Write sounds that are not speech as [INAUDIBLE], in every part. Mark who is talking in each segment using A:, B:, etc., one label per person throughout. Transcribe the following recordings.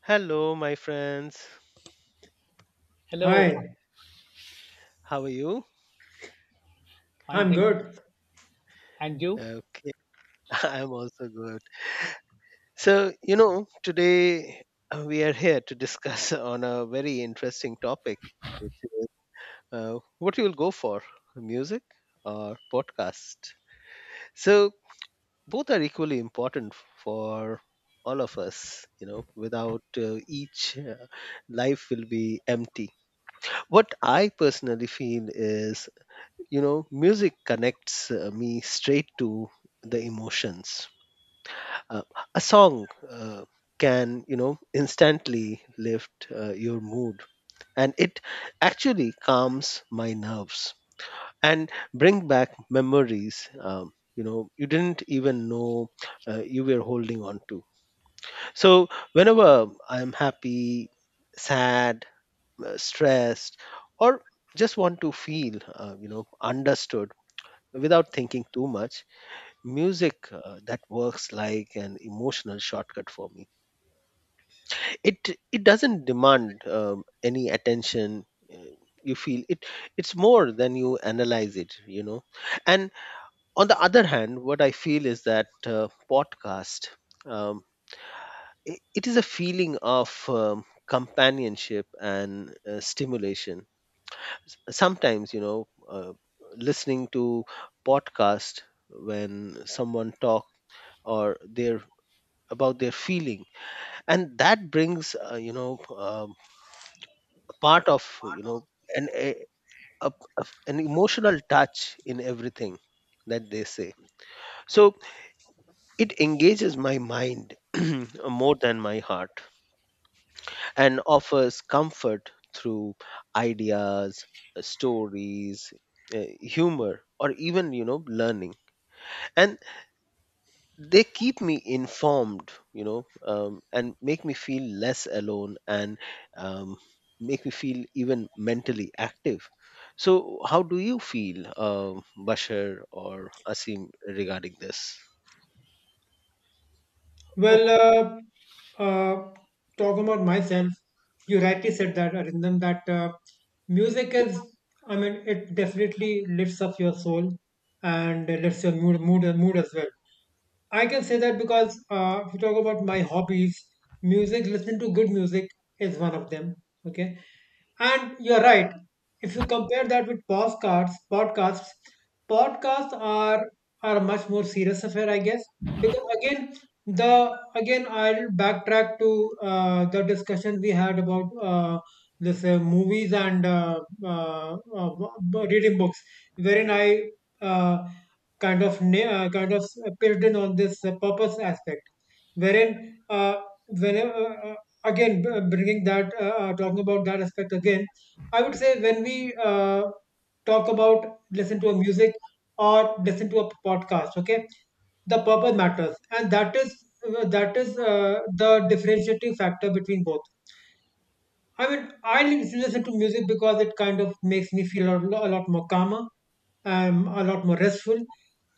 A: Hello, my friends.
B: Hello,
C: Hi,
A: How are you?
B: fine,
C: I'm
B: thank.
C: good.
B: And you?
A: Okay, [LAUGHS] I'm also good. Today we are here to discuss [LAUGHS] on a very interesting topic, which is what you'll go for, music or podcast. So, both are equally important for all of us, without each, life will be empty. What I personally feel is music connects me straight to the emotions, uh, a song can instantly lift your mood, and it actually calms my nerves and bring back memories you didn't even know you were holding on to. So whenever I'm happy, sad, stressed, or just want to feel uh, you know understood without thinking too much, music that works like an emotional shortcut for me. It doesn't demand any attention. uh, you feel it, it's more than you analyze it. And on the other hand, what I feel is that podcast, um, it is a feeling of companionship and stimulation. Sometimes listening to podcast, when someone talk or their about their feeling, and that brings a part of an a, a- an emotional touch in everything that they say. So it engages my mind [CLEARS THROAT] more than my heart, and offers comfort through ideas, stories, humor, or even learning. And they keep me informed, and make me feel less alone, and um, make me feel even mentally active. So how do you feel, Bashir or Asim, regarding this?
B: O-
C: Well, uh, talk about myself. You rightly said that, Arindam, that music is, I mean, it definitely lifts up your soul and it lifts your mood as well. I can say that because if you talk about my hobbies, music, listening to good music is one of them. Okay. And you're right. If you compare that with podcasts are a much more serious affair, I guess. Because again, the again I'll backtrack to the discussion we had about this movies and reading books, wherein I uh, kind of pitched in on this purpose aspect, wherein whenever bringing that talking about that aspect again. I would say when we talk about listen to a music or listen to a podcast, okay, the purpose matters, and that is the differentiating factor between both. I mean, I listen to music because it kind of makes me feel a lot more calmer, a lot more restful.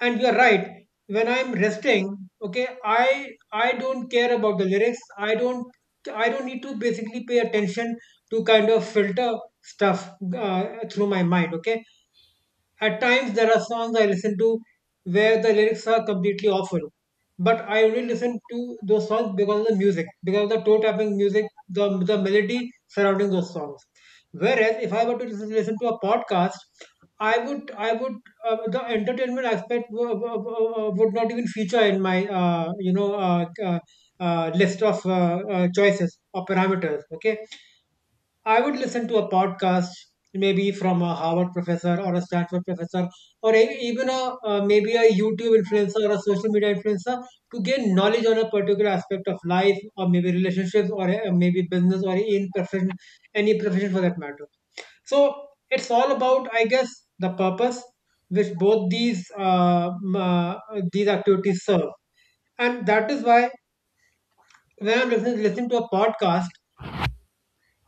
C: And you're right. When I'm resting, okay, I don't care about the lyrics. I don't need to basically pay attention to kind of filter stuff through my mind. Okay, at times, there are songs I listen to where the lyrics are completely awful, but I only listen to those songs because of the music, because of the toe tapping music, the melody surrounding those songs. Whereas, if I were to listen to a podcast, I would the entertainment aspect would not even feature in my list of choices or parameters. Okay, I would listen to a podcast, maybe from a Harvard professor or a Stanford professor, or even a maybe a YouTube influencer or a social media influencer to gain knowledge on a particular aspect of life, or maybe relationships, or maybe business, or in profession, any profession for that matter. So it's all about, I guess, the purpose which both these these activities serve, and that is why when I'm listening to a podcast,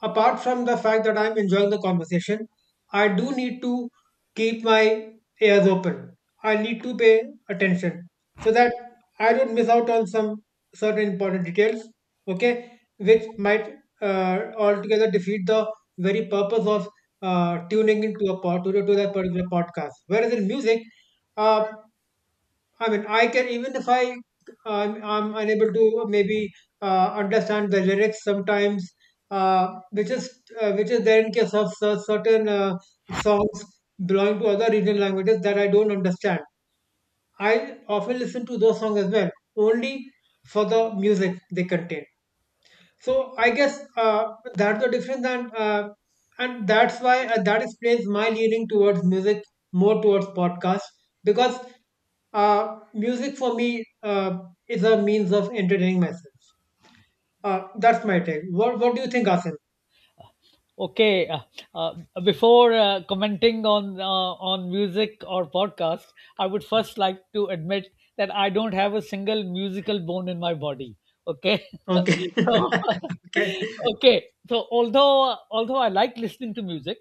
C: apart from the fact that I'm enjoying the conversation, I do need to keep my ears open. I need to pay attention so that I don't miss out on some certain important details, okay, which might altogether defeat the very purpose of tuning into a to that particular podcast. Whereas in music, uh, I mean, I can even if I'm unable to maybe understand the lyrics sometimes, uh, which is which is there in case of certain songs belonging to other regional languages that I don't understand. I often listen to those songs as well, only for the music they contain. So I guess that's the difference. And that's why that explains my leaning towards music more towards podcast. Because music for me is a means of entertaining myself. That's my take. What do you think, Asim?
B: Okay, uh, before commenting on on music or podcast, I would first like to admit that I don't have a single musical bone in my body. Okay,
C: Okay.
B: [LAUGHS] so,
C: [LAUGHS] Okay.
B: [LAUGHS] okay. So although I like listening to music.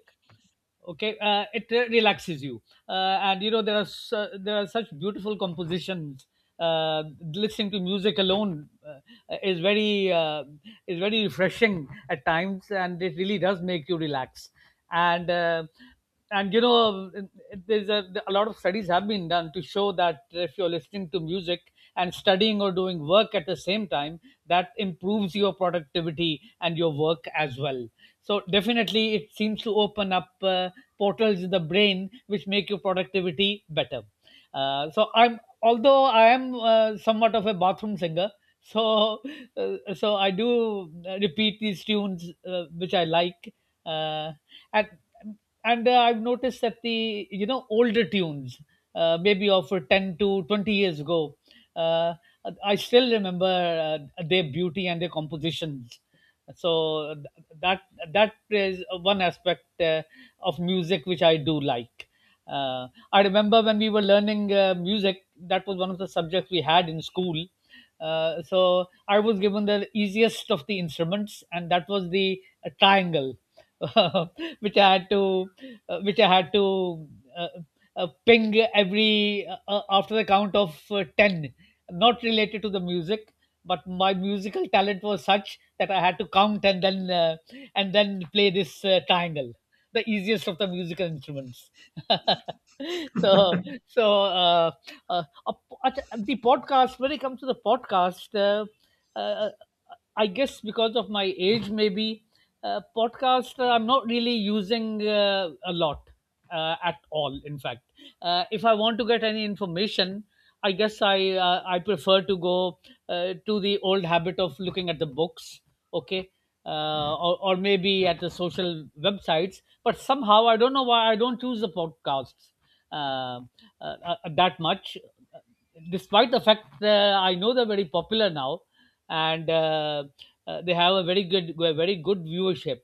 B: Okay, it relaxes you, and you know there are such beautiful compositions. uh, Listening to music alone, is very uh, it's very refreshing at times, and it really does make you relax. And uh, and you know, there's a lot of studies have been done to show that if you're listening to music and studying or doing work at the same time, that improves your productivity and your work as well. So definitely, it seems to open up portals in the brain which make your productivity better. So I'm although I am somewhat of a bathroom singer, [LAUGHS] so so I do repeat these tunes which I like. Uh, and and I've noticed that the older tunes, maybe of 10 to 20 years ago. uh, I still remember their beauty and their compositions. So that that is one aspect of music which I do like. Uh, I remember when we were learning music, that was one of the subjects we had in school, so I was given the easiest of the instruments, and that was the triangle, [LAUGHS] which I had to, which I had to uh, ping every after the count of ten, not related to the music. But my musical talent was such that I had to count and then and then play this triangle, the easiest of the musical instruments. [LAUGHS] so so uh, a, the podcast When it comes to the podcast, uh, uh, I guess because of my age maybe, podcast, I'm not really using a lot, at all, in fact. If I want to get any information, I guess I prefer to go to the old habit of looking at the books. Okay. Or maybe at the social websites, but somehow I don't know why I don't choose the podcasts uh, that much, despite the fact that I know they're very popular now, and they have a very good viewership.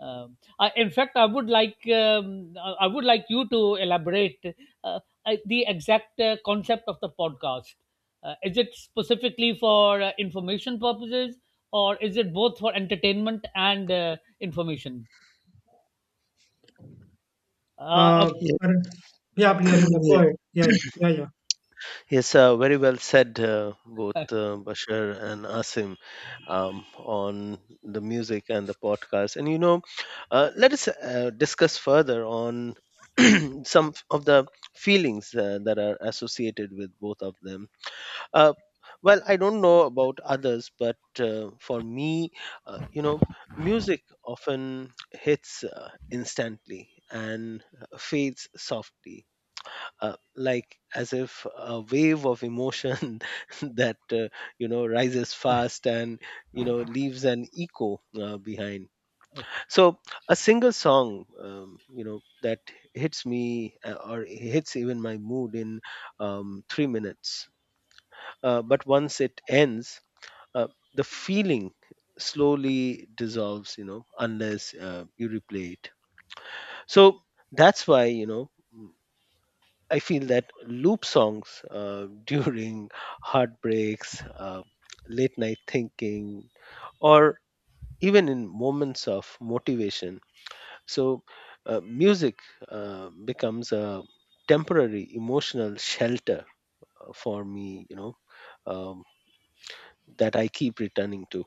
B: I, in fact, I would like you to elaborate uh, the exact concept of the podcast. Is it specifically for information purposes, or is it both for entertainment and information? Uh, uh,
C: uh,
A: Yes.
C: Arun- yeah, please
A: [CLEARS THROAT]
C: Arindam, go
A: Yes.
C: ahead. Yeah, yeah, yeah, yeah.
A: Yes, very well said, both Bashir and Asim, on the music and the podcast. And let us discuss further on [CLEARS THROAT] some of the feelings that are associated with both of them. Uh, well, I don't know about others, but for me, uh, you know, music often hits instantly and fades softly, like as if a wave of emotion [LAUGHS] that rises fast and leaves an echo behind.
B: okay.
A: So a single song that hits me or hits even my mood in 3 minutes, but once it ends, uh, the feeling slowly dissolves, unless you replay it. So that's why I feel that loop songs [LAUGHS] during heartbreaks, late night thinking, or even in moments of motivation. So, music becomes a temporary emotional shelter for me, um, that I keep returning to.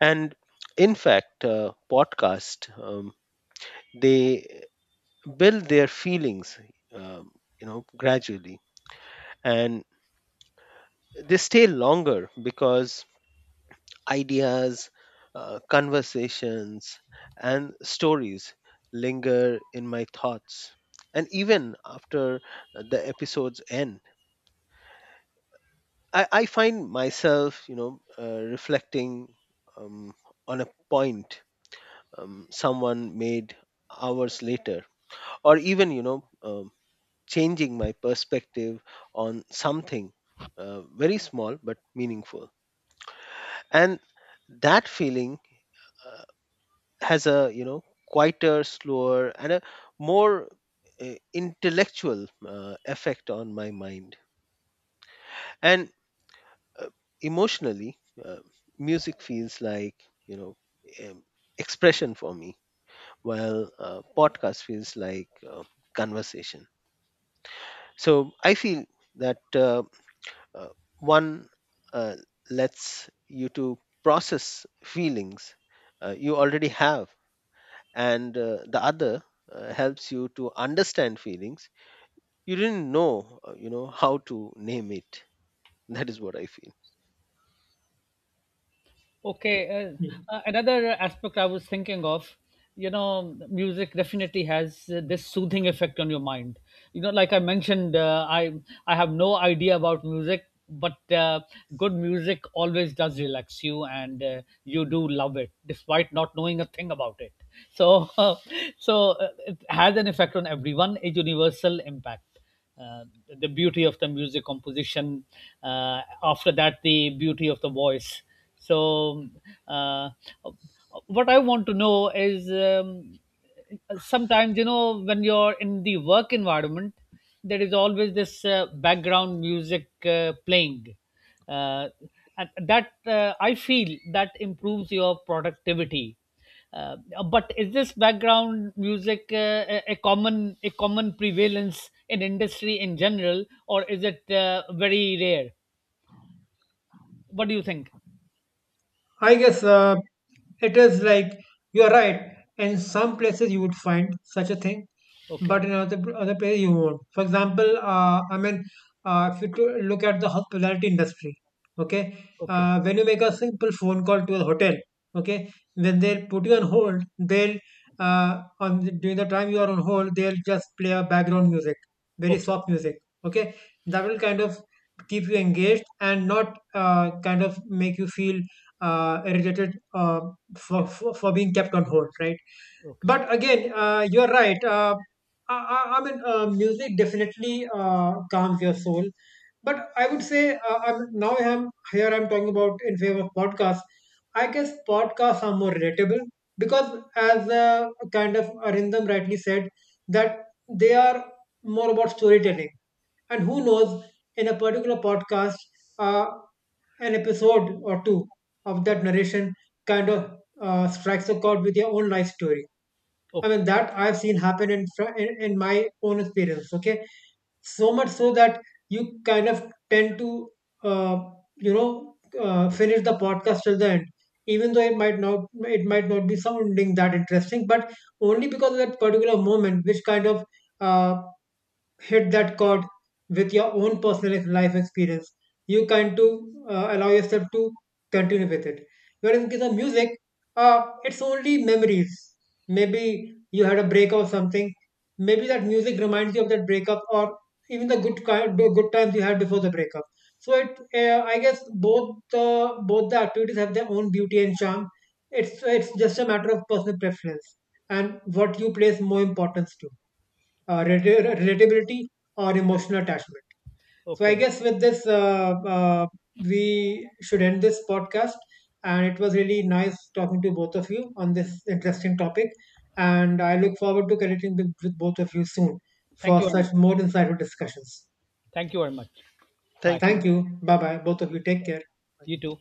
A: And in fact, podcast, they build their feelings, um, gradually, and they stay longer because ideas, conversations, and stories linger in my thoughts. And even after the episodes end, I find myself, reflecting um, on a point someone made hours later, or even, changing my perspective on something very small but meaningful. And that feeling uh, has a quieter, slower, and a more intellectual effect on my mind. And uh, emotionally, uh, music feels like you know um, expression for me, while podcast feels like conversation. So I feel that uh, one uh, lets you to process feelings you already have, and the other helps you to understand feelings you didn't know how to name it. [LAUGHS] That is what I feel.
B: Okay, another aspect I was thinking of. You know, music definitely has this soothing effect on your mind. You know, like I mentioned, I have no idea about music, but good music always does relax you, and you do love it despite not knowing a thing about it. So, [LAUGHS] it has an effect on everyone, a universal impact, uh, the beauty of the music composition, after that the beauty of the voice. So, uh, what I want to know is, sometimes, you know, when you're in the work environment, there is always this background music playing, uh, and that, I feel, that improves your productivity. uh, but is this background music a common prevalence in industry in general, or is it very rare? What do you think?
C: I guess it is like you're right. In some places you would find such a thing,
B: Okay,
C: but in other places you won't. For example, I mean, if you to look at the hospitality industry, okay,
B: okay,
C: when you make a simple phone call to a hotel, okay, when they'll put you on hold, they'll during the time you are on hold, they'll just play a background music, very
B: okay,
C: soft music, okay, that will kind of keep you engaged and not kind of make you feel related for being kept on hold, right?
B: okay,
C: But again, you're right. I mean, music definitely calms your soul. But I would say now I'm here. I'm talking about in favor of podcasts. I guess podcasts are more relatable because, as kind of Arindam rightly said, that they are more about storytelling. And who knows, in a particular podcast, uh, an episode or two of that narration kind of strikes a chord with your own life story. I
B: okay,
C: mean, that I've seen happen in, in my own experience, okay? So much so that you kind of tend to, uh, finish the podcast till the end. Even though it might not be sounding that interesting, but only because of that particular moment, which kind of uh, hit that chord with your own personal life experience. You kind to allow yourself to continue with it. Whereas in case of music, it's only memories. Maybe you had a breakup or something. Maybe that music reminds you of that breakup or even the good kind, the good times you had before the breakup. So it, I guess, both the activities have their own beauty and charm. It's just a matter of personal preference and what you place more importance to, relatability or emotional attachment. So I
B: okay.
C: guess with this, we should end this podcast. And it was really nice talking to both of you on this interesting topic. And I look forward to connecting with both of you soon
B: Thank
C: for
B: you very much.
C: such more insightful discussions.
B: Thank you very much. Bye.
A: Thank
C: Thank
A: you.
C: you. Bye bye. Both of you take care.
B: You too.